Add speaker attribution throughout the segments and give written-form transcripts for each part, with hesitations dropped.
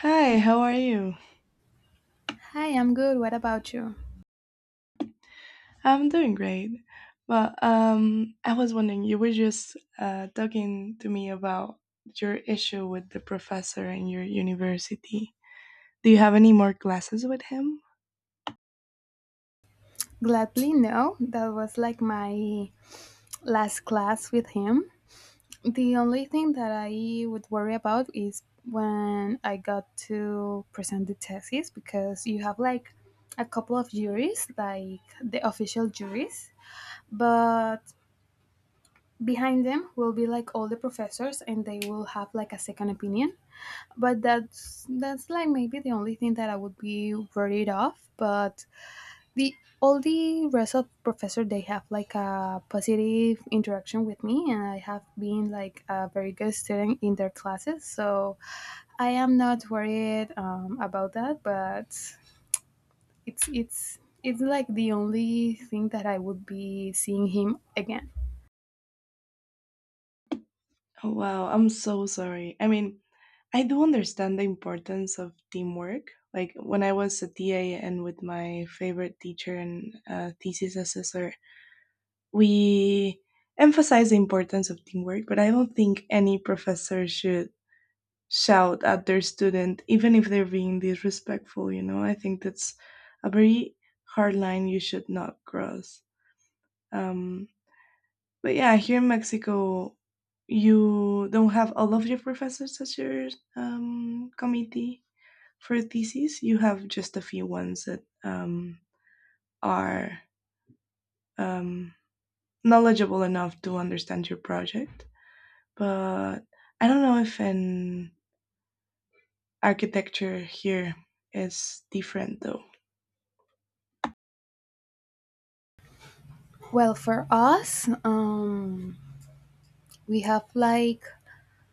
Speaker 1: Hi, how are you?
Speaker 2: Hi, I'm good. What about you?
Speaker 1: I'm doing great. Well, I was wondering, you were just talking to me about your issue with the professor in your university. Do you have any more classes with him?
Speaker 2: Gladly, no. That was like my last class with him. The only thing that I would worry about is when I got to present the thesis, because you have like a couple of juries, like the official juries, but behind them will be like all the professors, and they will have like a second opinion. But that's like maybe the only thing that I would be worried of, but the all the rest of professor, they have like a positive interaction with me, and I have been like a very good student in their classes, so I am not worried about that. But it's like the only thing that I would be seeing him again.
Speaker 1: Oh, wow, I'm so sorry. I mean, I do understand the importance of teamwork. Like when I was a TA and with my favorite teacher and thesis assessor, we emphasize the importance of teamwork, but I don't think any professor should shout at their student, even if they're being disrespectful, you know? I think that's a very hard line you should not cross. Um, but yeah, here in Mexico, you don't have all of your professors as your committee for theses, you have just a few ones that are um, knowledgeable enough to understand your project. But I don't know if an architecture here is different though.
Speaker 2: Well, for us, we have like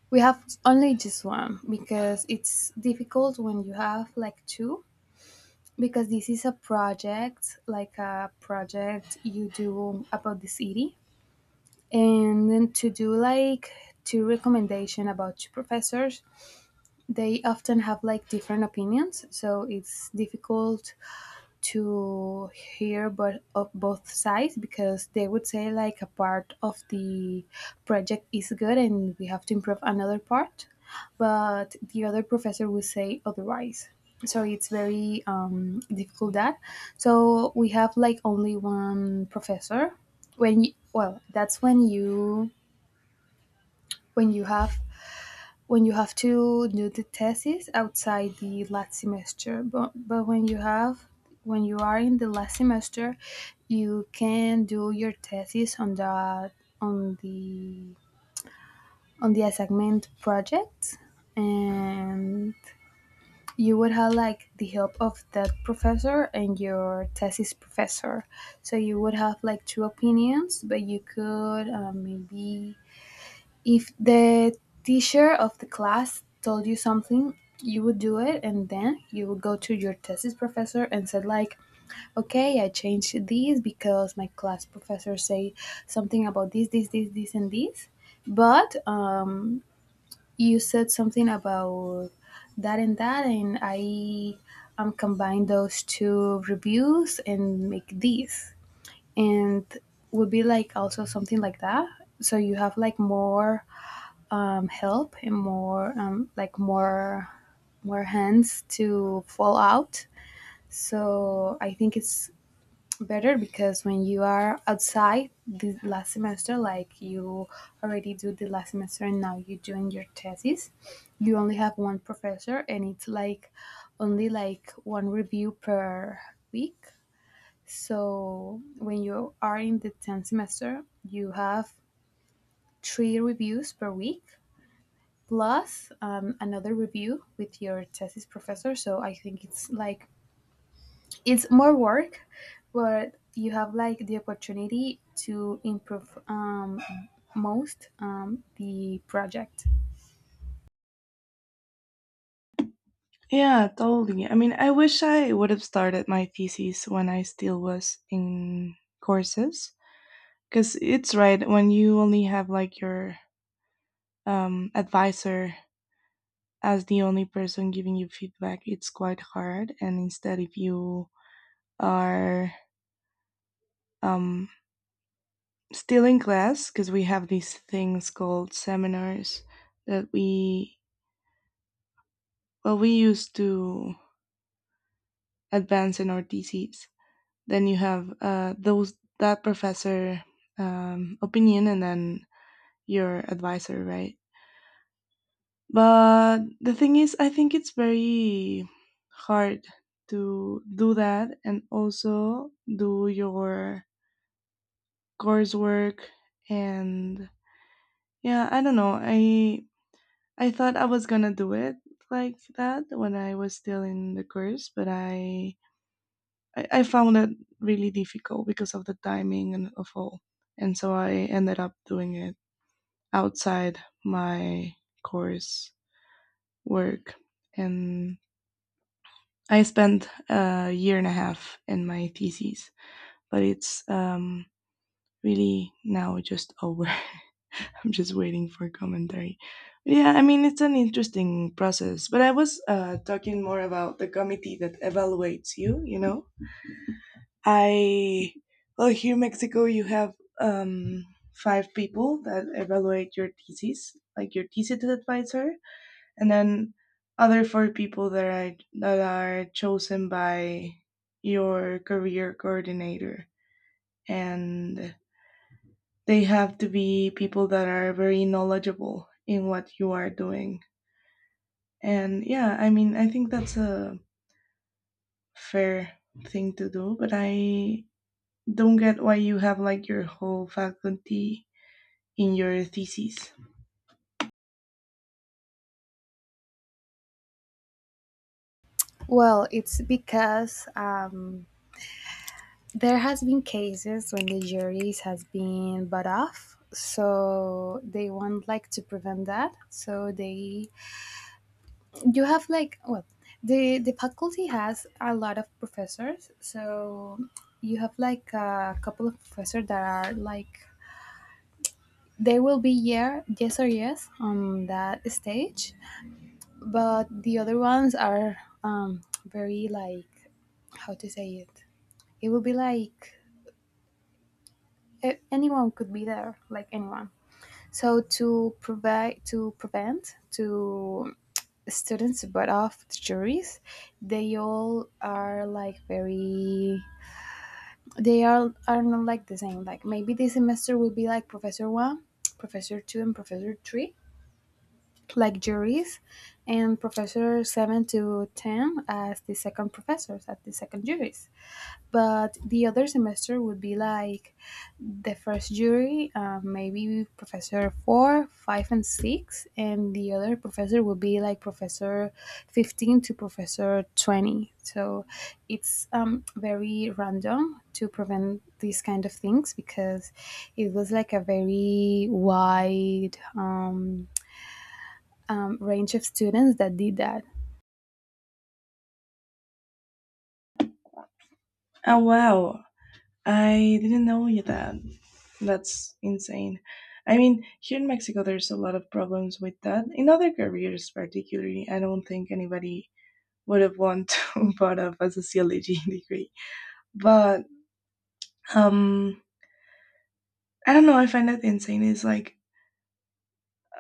Speaker 2: we have only just one, because it's difficult when you have like two, because this is a project, like a project you do about the city, and then to do like two recommendation about two professors, they often have like different opinions, so it's difficult to hear but of both sides, because they would say like a part of the project is good and we have to improve another part, but the other professor will say otherwise. So it's very difficult that. So we have like only one professor when you, well, that's when you when you have when you have to do the thesis outside the last semester, but when you have when you are in the last semester, you can do your thesis on the on the assignment project, and you would have like the help of that professor and your thesis professor. So you would have like two opinions, but you could maybe if the teacher of the class told you something, you would do it, and then you would go to your thesis professor and said like, "Okay, I changed this because my class professor said something about this, this, this, this and this. But you said something about that and that, and I combine those two reviews and make this. And would be like also something like that." So you have like more help, and more like more hands to fall out. So I think it's better because when you are outside the last semester, like you already do the last semester and now you're doing your thesis, you only have one professor and it's like only like one review per week. So when you are in the 10th semester, you have three reviews per week plus another review with your thesis professor. So I think it's like it's more work, but you have like the opportunity to improve most the project.
Speaker 1: Yeah, totally. I mean, I wish I would have started my thesis when I still was in courses. Because it's right, when you only have like your advisor as the only person giving you feedback, it's quite hard. And instead, if you are um, still in class, because we have these things called seminars that we, well, we use to advance in our thesis, then you have those, that professor opinion, and then your advisor, right? But the thing is, I think it's very hard to do that and also do your coursework, and yeah, I don't know. I thought I was gonna do it like that when I was still in the course, but I found it really difficult because of the timing and of all. And so I ended up doing it outside my course work. And I spent a year and a half in my thesis, but it's really now just over. I'm just waiting for commentary. Yeah, I mean, it's an interesting process, but I was talking more about the committee that evaluates you, you know? I Well, here in Mexico you have um, five people that evaluate your thesis, like your thesis advisor, and then other four people that are chosen by your career coordinator, and they have to be people that are very knowledgeable in what you are doing. And yeah, I mean, I think that's a fair thing to do, but I don't get why you have like your whole faculty in your thesis.
Speaker 2: Well, it's because there has been cases when the juries has been bought off, so they want like to prevent that. So they, you have like, well, the faculty has a lot of professors, so you have like a couple of professors that are like, they will be yeah, yes or yes on that stage, but the other ones are very like, how to say it, it will be like anyone could be there, like anyone. So to provide to prevent to students but of the juries, they all are like very, they are not like the same. Like maybe this semester will be like professor one, professor two and professor three like juries, and professor 7 to 10 as the second professors, as the second juries. But the other semester would be like the first jury, maybe Professor 4, 5, and 6, and the other professor would be like Professor 15 to Professor 20. So it's very random to prevent these kind of things, because it was like a very wide range of students that did that.
Speaker 1: Oh wow, I didn't know you that. That's insane. I mean, here in Mexico, there's a lot of problems with that. In other careers, particularly, I don't think anybody would have wanted to part of a sociology degree. But um, I don't know. I find that insane. Is like,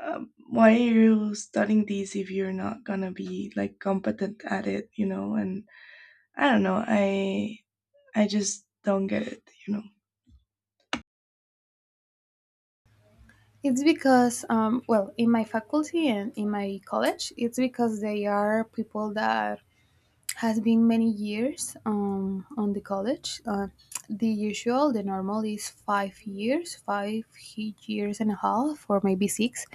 Speaker 1: why are you studying this if you're not gonna be like competent at it? You know? And I don't know. I just don't get it. You know?
Speaker 2: It's because, well, in my faculty and in my college, it's because they are people that has been many years on the college. The usual, the normal is 5 years, five years and a half, or maybe six.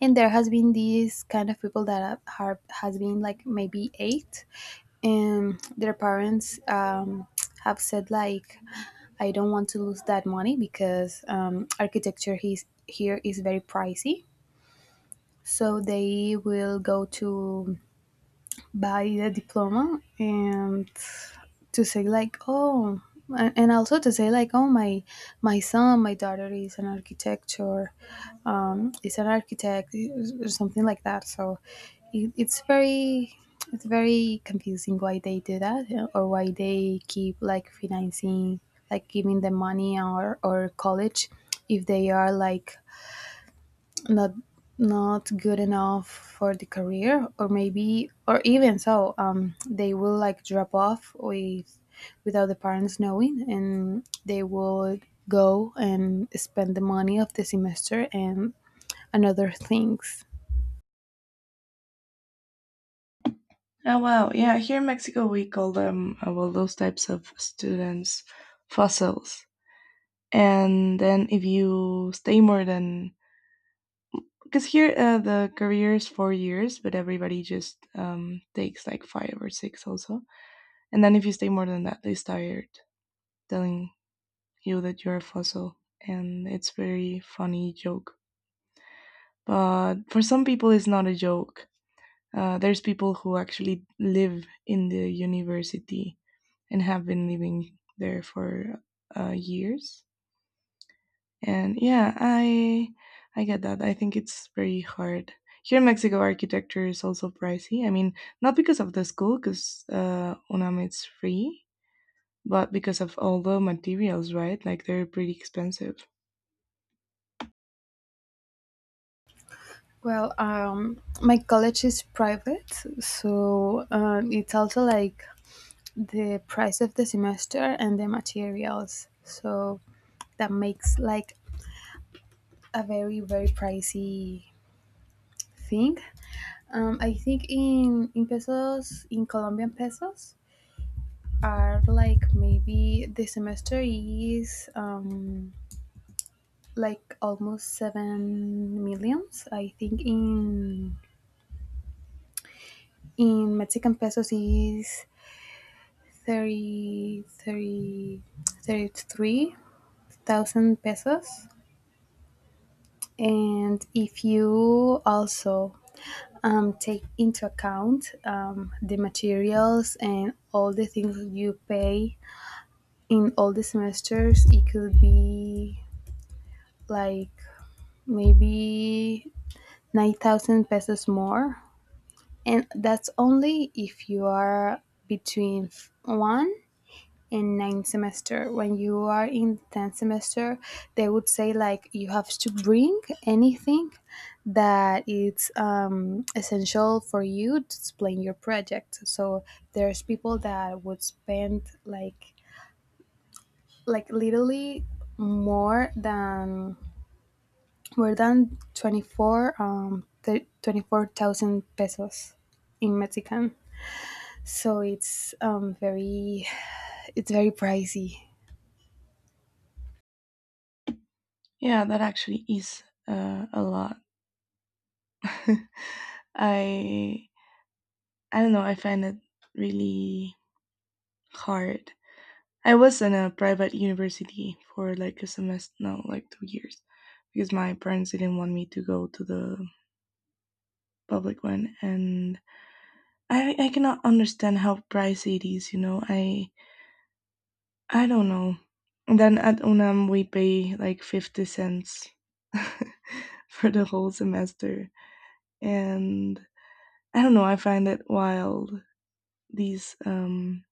Speaker 2: And there has been these kind of people that has been like maybe eight, and their parents have said like, "I don't want to lose that money, because architecture is, here is very pricey." So they will go to buy the diploma and to say like, "Oh," and also to say like, "Oh, my son my daughter is an architecture, is an architect," or something like that. So it's very it's very confusing why they do that, yeah, or why they keep like financing, like giving them money, or college, if they are like not good enough for the career, or maybe, or even so, they will like drop off with without the parents knowing, and they would go and spend the money of the semester and other things.
Speaker 1: Oh wow, yeah. Here in Mexico, we call them well, those types of students fossils. And then if you stay more than, because here the career is 4 years, but everybody just takes like five or six also. And then if you stay more than that, they start telling you that you're a fossil, and it's very funny joke. But for some people, it's not a joke. There's people who actually live in the university and have been living there for years. And yeah, I get that. I think it's very hard. Here in Mexico, architecture is also pricey. I mean, not because of the school, because UNAM is free, but because of all the materials, right? Like they're pretty expensive.
Speaker 2: Well, my college is private, so it's also like the price of the semester and the materials, so that makes like a very very pricey thing. I think in pesos, in Colombian pesos, are like maybe the semester is like almost 7 millions, I think. In Mexican pesos is thirty thirty thirty three thousand pesos. And if you also take into account the materials and all the things you pay in all the semesters, it could be like maybe 9,000 pesos more. And that's only if you are between one and nine semester. When you are in 10th semester, they would say like you have to bring anything that is essential for you to explain your project. So there's people that would spend like literally more than more than 24 24,000 pesos in Mexican. So it's very, it's very pricey.
Speaker 1: Yeah, that actually is a lot. I I don't know. I find it really hard. I was in a private university for like a semester, no, like 2 years, because my parents didn't want me to go to the public one, and I cannot understand how pricey it is. You know, I don't know. And then at UNAM we pay like 50 cents for the whole semester, and I don't know. I find it wild, these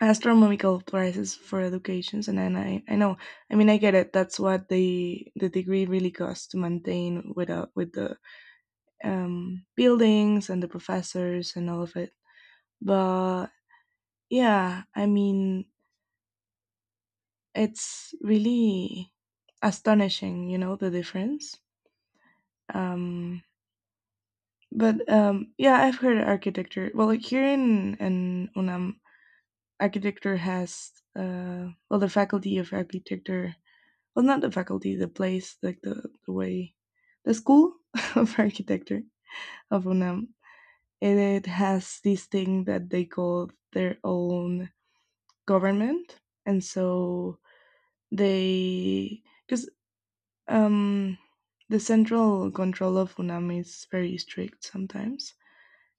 Speaker 1: astronomical prices for educations, and I know, I mean, I get it, that's what the degree really costs to maintain with the buildings and the professors and all of it, but yeah, I mean, it's really astonishing, you know, the difference. um, but yeah, I've heard architecture, well, like here in UNAM architecture has, well the faculty of architecture, well not the faculty, the place, like the way, the school of architecture of UNAM, and it has this thing that they call their own government. And so they, because um the central control of UNAM is very strict sometimes,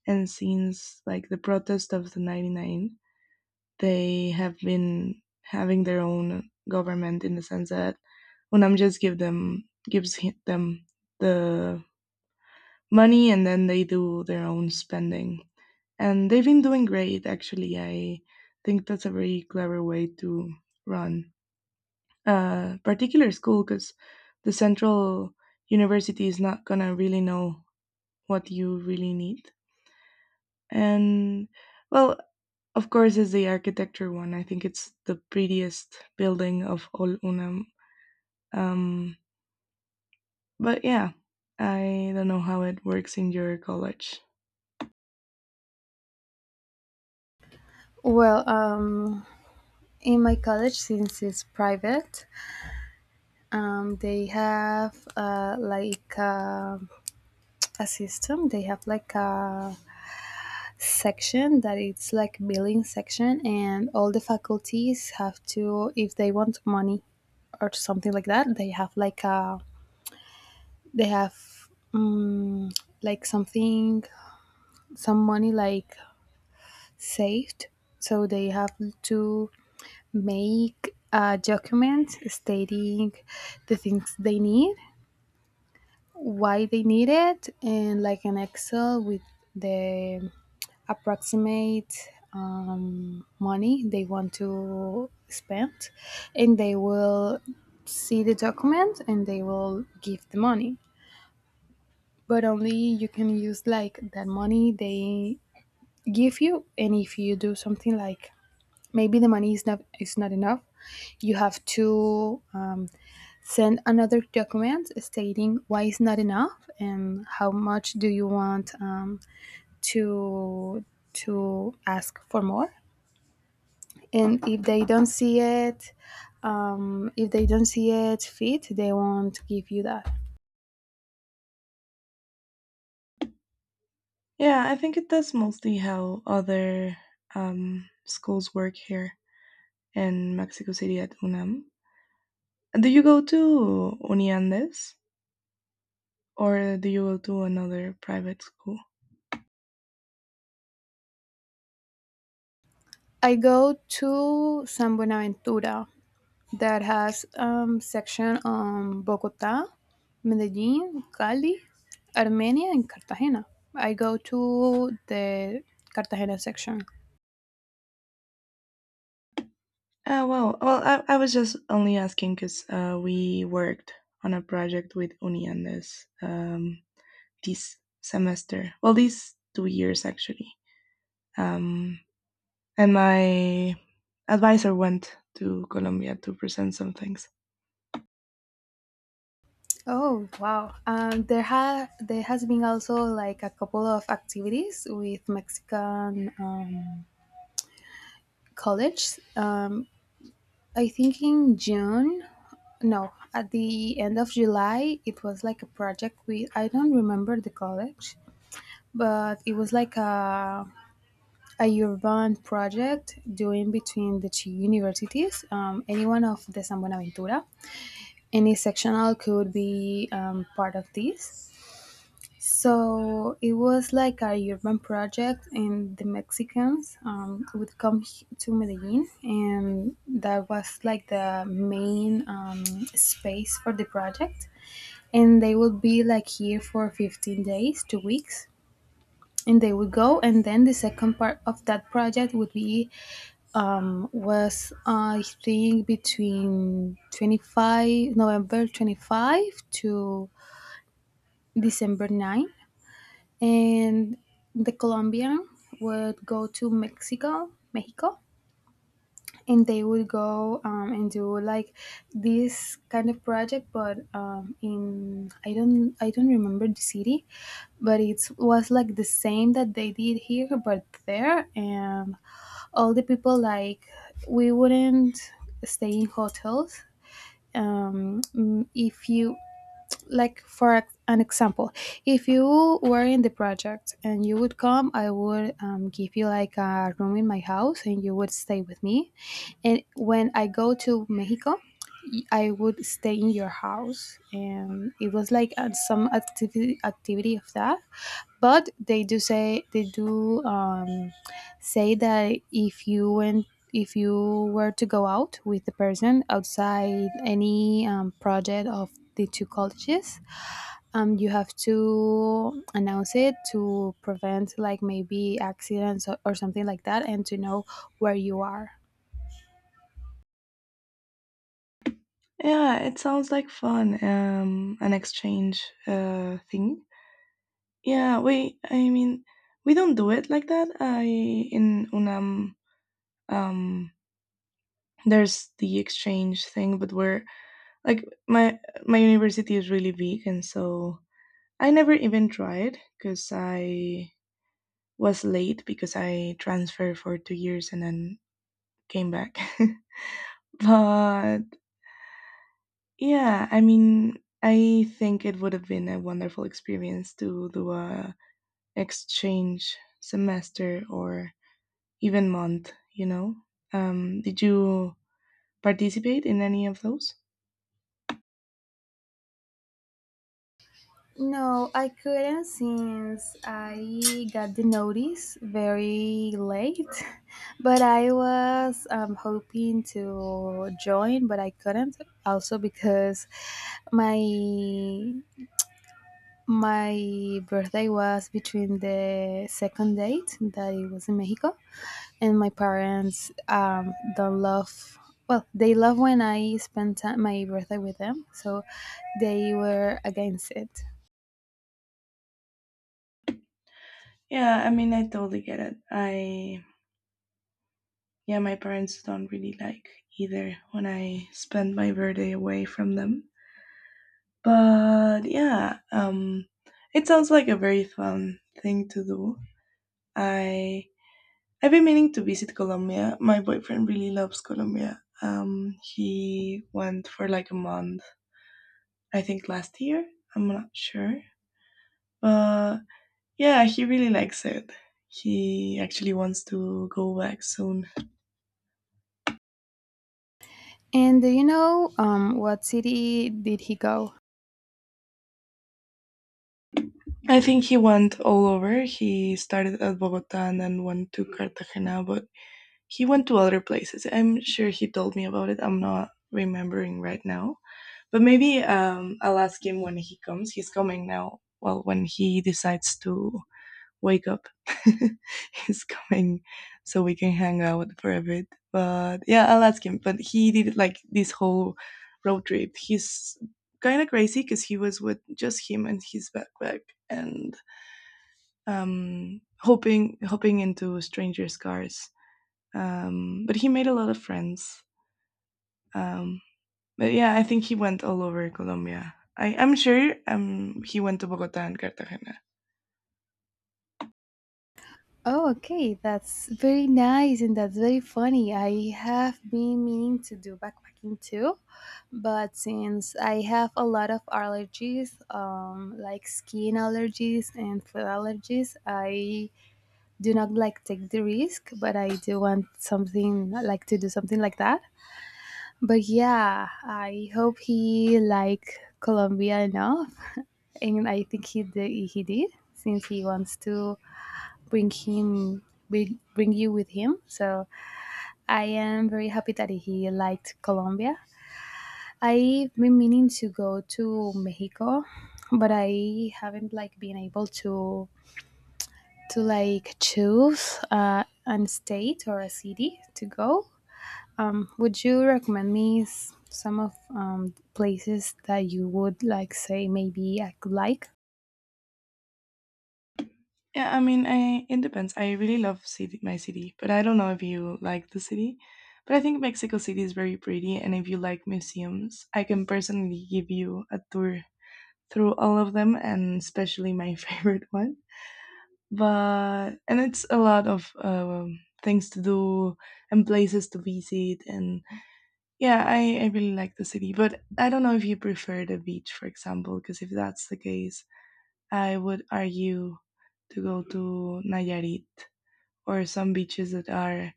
Speaker 1: and since like the protest of the 99, they have been having their own government, in the sense that UNAM just gives them the money and then they do their own spending. And they've been doing great actually. I think that's a very clever way to run a particular school, because the central university is not gonna really know what you really need. And well, of course, it's the architecture one. I think it's the prettiest building of all UNAM. Um, but yeah, I don't know how it works in your college.
Speaker 2: Well, in my college, since it's private, they have a system. They have like a section that it's like billing section, and all the faculties have to, if they want money or something like that, they have like a they have um, like something, some money like saved, so they have to make a document stating the things they need, why they need it, and like an excel with the approximate money they want to spend, and they will see the document and they will give the money. But only you can use like that money they give you, and if you do something like maybe the money is not enough, you have to send another document stating why it's not enough and how much do you want to ask for more. And if they don't see it fit, they won't give you that.
Speaker 1: Yeah, I think it does mostly how other schools work here in Mexico City at UNAM. Do you go to Uniandes or do you go to another private school?
Speaker 2: I go to San Buenaventura, that has section, Bogota, Medellin, Cali, Armenia, and Cartagena. I go to the Cartagena section.
Speaker 1: Well, I was just only asking because we worked on a project with Uniandes this semester. Well, these 2 years actually. Um, and my advisor went to Colombia to present some things.
Speaker 2: Oh wow! There has been also like a couple of activities with Mexican college. I think in June, no, at the end of July, it was like a project with, I don't remember the college, but it was like a urban project doing between the two universities, any one of the San Buenaventura. Any sectional could be part of this. So it was like a urban project, and the Mexicans would come to Medellin, and that was like the main space for the project. And they would be like here for 15 days, 2 weeks, and they would go. And then the second part of that project would be was, I think, between 25 November 25 to December 9, and the Colombian would go to Mexico, and they would go and do like this kind of project, but in I don't remember the city, but it was like the same that they did here but there. And all the people, like, we wouldn't stay in hotels. If you, like, for an example, if you were in the project and you would come, I would give you like a room in my house and you would stay with me, and when I go to Mexico, I would stay in your house. And it was like some activity of that. But they do say that if you went if you were to go out with the person outside any project of the two colleges, you have to announce it to prevent like maybe accidents, or something like that, and to know where you are.
Speaker 1: Yeah, it sounds like fun, an exchange thing. Yeah, we, I mean, we don't do it like that. I In UNAM, um, there's the exchange thing, but we're like, my university is really big, and so I never even tried because I was late because I transferred for 2 years and then came back. But yeah, I mean, I think it would have been a wonderful experience to do a exchange semester or even month, you know. Did you participate in any of those?
Speaker 2: No, I couldn't, since I got the notice very late, but I was hoping to join, but I couldn't. Also because my my birthday was between the second date that it was in Mexico, and my parents don't love, well, they love when I my birthday with them, so they were against it.
Speaker 1: Yeah, I mean, I totally get it. I Yeah, my parents don't really like either when I spend my birthday away from them. But yeah, it sounds like a very fun thing to do. I I've been meaning to visit Colombia. My boyfriend really loves Colombia. He went for like a month, I think last year. I'm not sure, but yeah, he really likes it. He actually wants to go back soon.
Speaker 2: And do you know what city did he go?
Speaker 1: I think he went all over. He started at Bogota and then went to Cartagena, but he went to other places. I'm sure he told me about it. I'm not remembering right now, but maybe I'll ask him when he comes. He's coming now. Well, when he decides to wake up, he's coming so we can hang out for a bit. But yeah, I'll ask him. But he did like this whole road trip. He's kind of crazy because he was with just him and his backpack, and hoping into strangers' cars. But he made a lot of friends. Um, but yeah, I think he went all over Colombia. I'm sure he went to Bogota and Cartagena.
Speaker 2: Oh, okay, that's very nice, and that's very funny. I have been meaning to do backpacking too, but since I have a lot of allergies, like skin allergies and food allergies, I do not like take the risk, but I do want something like to do something like that. But yeah, I hope he liked Colombia enough, and I think he did, he did, since he wants to bring him bring you with him. So I am very happy that he liked Colombia. I've been meaning to go to Mexico, but I haven't like been able to like choose an state or a city to go. Would you recommend me some of places that you would like, say, maybe I could like?
Speaker 1: Yeah, I mean, I it depends. I really love city, my city, but I don't know if you like the city. But I think Mexico City is very pretty, and if you like museums, I can personally give you a tour through all of them, and especially my favorite one. But and it's a lot of things to do and places to visit, and yeah, I really like the city. But I don't know if you prefer the beach, for example, because if that's the case, I would argue to go to Nayarit or some beaches that are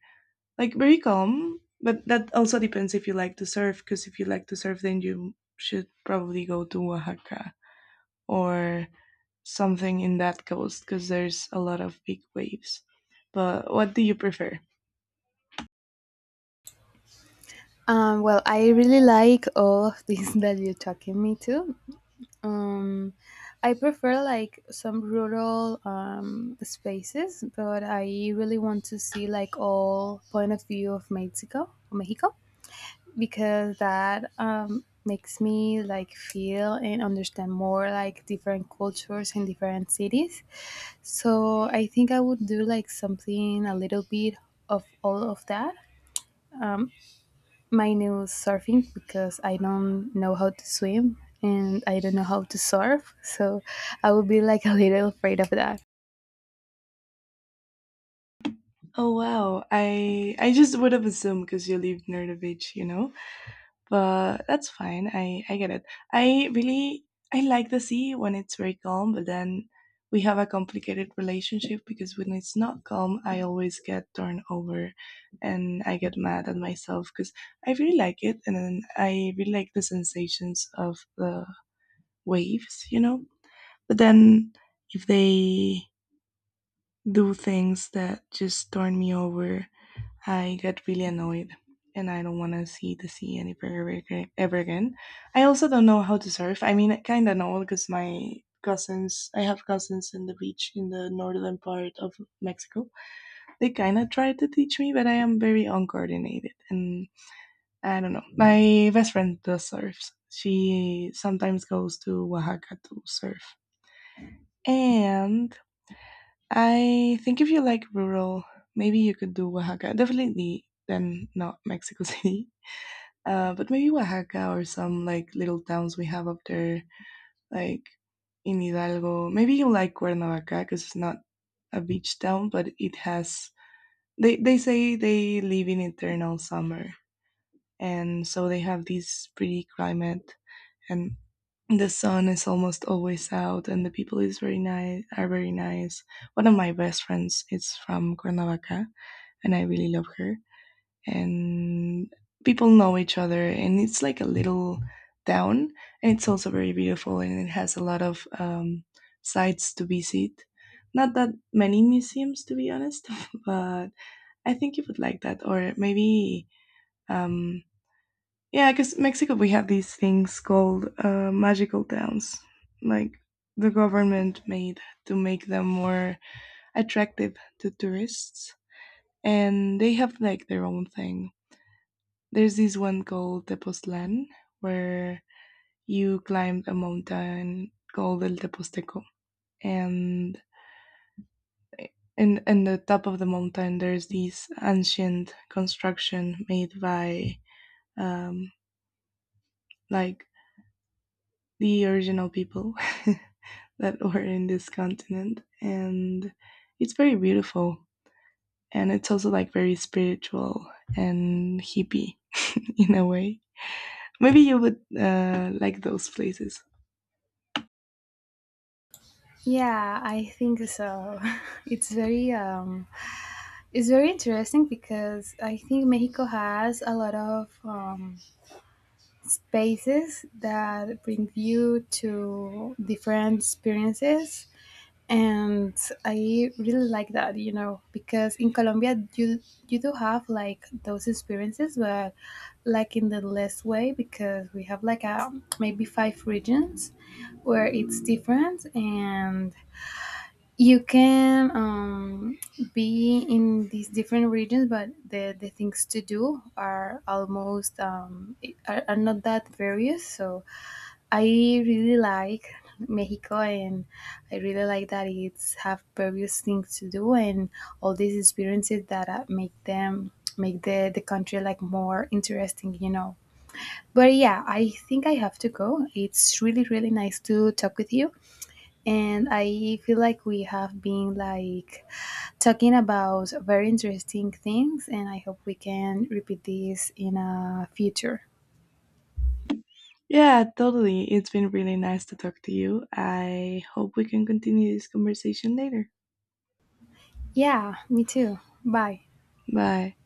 Speaker 1: like very calm. But that also depends if you like to surf, because if you like to surf, then you should probably go to Oaxaca or something in that coast, because there's a lot of big waves. But what do you prefer?
Speaker 2: Well, I really like all of these that you're talking me to. Um, I prefer like some rural spaces, but I really want to see like all point of view of Mexico, Mexico. Because that makes me like feel and understand more like different cultures in different cities. So I think I would do like something a little bit of all of that. Um, my new surfing, because I don't know how to swim and I don't know how to surf, so I would be like a little afraid of that.
Speaker 1: Oh wow, I just would have assumed because you live near the beach. But that's fine. I get it. I really I like the sea when it's very calm, but then we have a complicated relationship because when it's not calm, I always get turned over, and I get mad at myself because I really like it, and then I really like the sensations of the waves. But then if they do things that just turn me over, I got really annoyed and I don't want to see the sea any ever ever again. I also don't know how to surf. I mean, I kind of know because my cousins, I have cousins in the beach in the northern part of Mexico. They kind of tried to teach me, but I am very uncoordinated, and I don't know. My best friend does surfs. She sometimes goes to Oaxaca to surf. And I think if you like rural, maybe you could do Oaxaca. Definitely then not Mexico City. But maybe Oaxaca or some like little towns we have up there, like in Hidalgo. Maybe you like Cuernavaca because it's not a beach town, but it has. They say they live in eternal summer, and so they have this pretty climate, and the sun is almost always out, and the people is very nice. Are very nice. One of my best friends is from Cuernavaca, and I really love her, and people know each other, and it's like a little town, and it's also very beautiful, and it has a lot of sites to visit, not that many museums to be honest. But I think you would like that. Or maybe, um, yeah, because Mexico, we have these things called magical towns, like the government made to make them more attractive to tourists, and they have like their own thing. There's this one called Tepoztlan where you climb a mountain called El Teposteco, and in the top of the mountain there's this ancient construction made by, um, like, the original people that were in this continent, and it's very beautiful, and it's also like very spiritual and hippie in a way. Maybe you would like those places.
Speaker 2: Yeah, I think so. It's very, it's very interesting, because I think Mexico has a lot of spaces that bring you to different experiences, and I really like that, you know, because in Colombia you do have like those experiences, but like in the less way, because we have like a, maybe five regions where it's different, and you can be in these different regions, but the things to do are almost are not that various. So I really like Mexico, and I really like that it's have various things to do, and all these experiences that make the country like more interesting, you know. But yeah, I think I have to go. It's really really nice to talk with you, and I feel like we have been like talking about very interesting things, and I hope we can repeat this in a future.
Speaker 1: Yeah, totally. It's been really nice to talk to you. I hope we can continue this conversation later.
Speaker 2: Yeah, me too. Bye.
Speaker 1: Bye.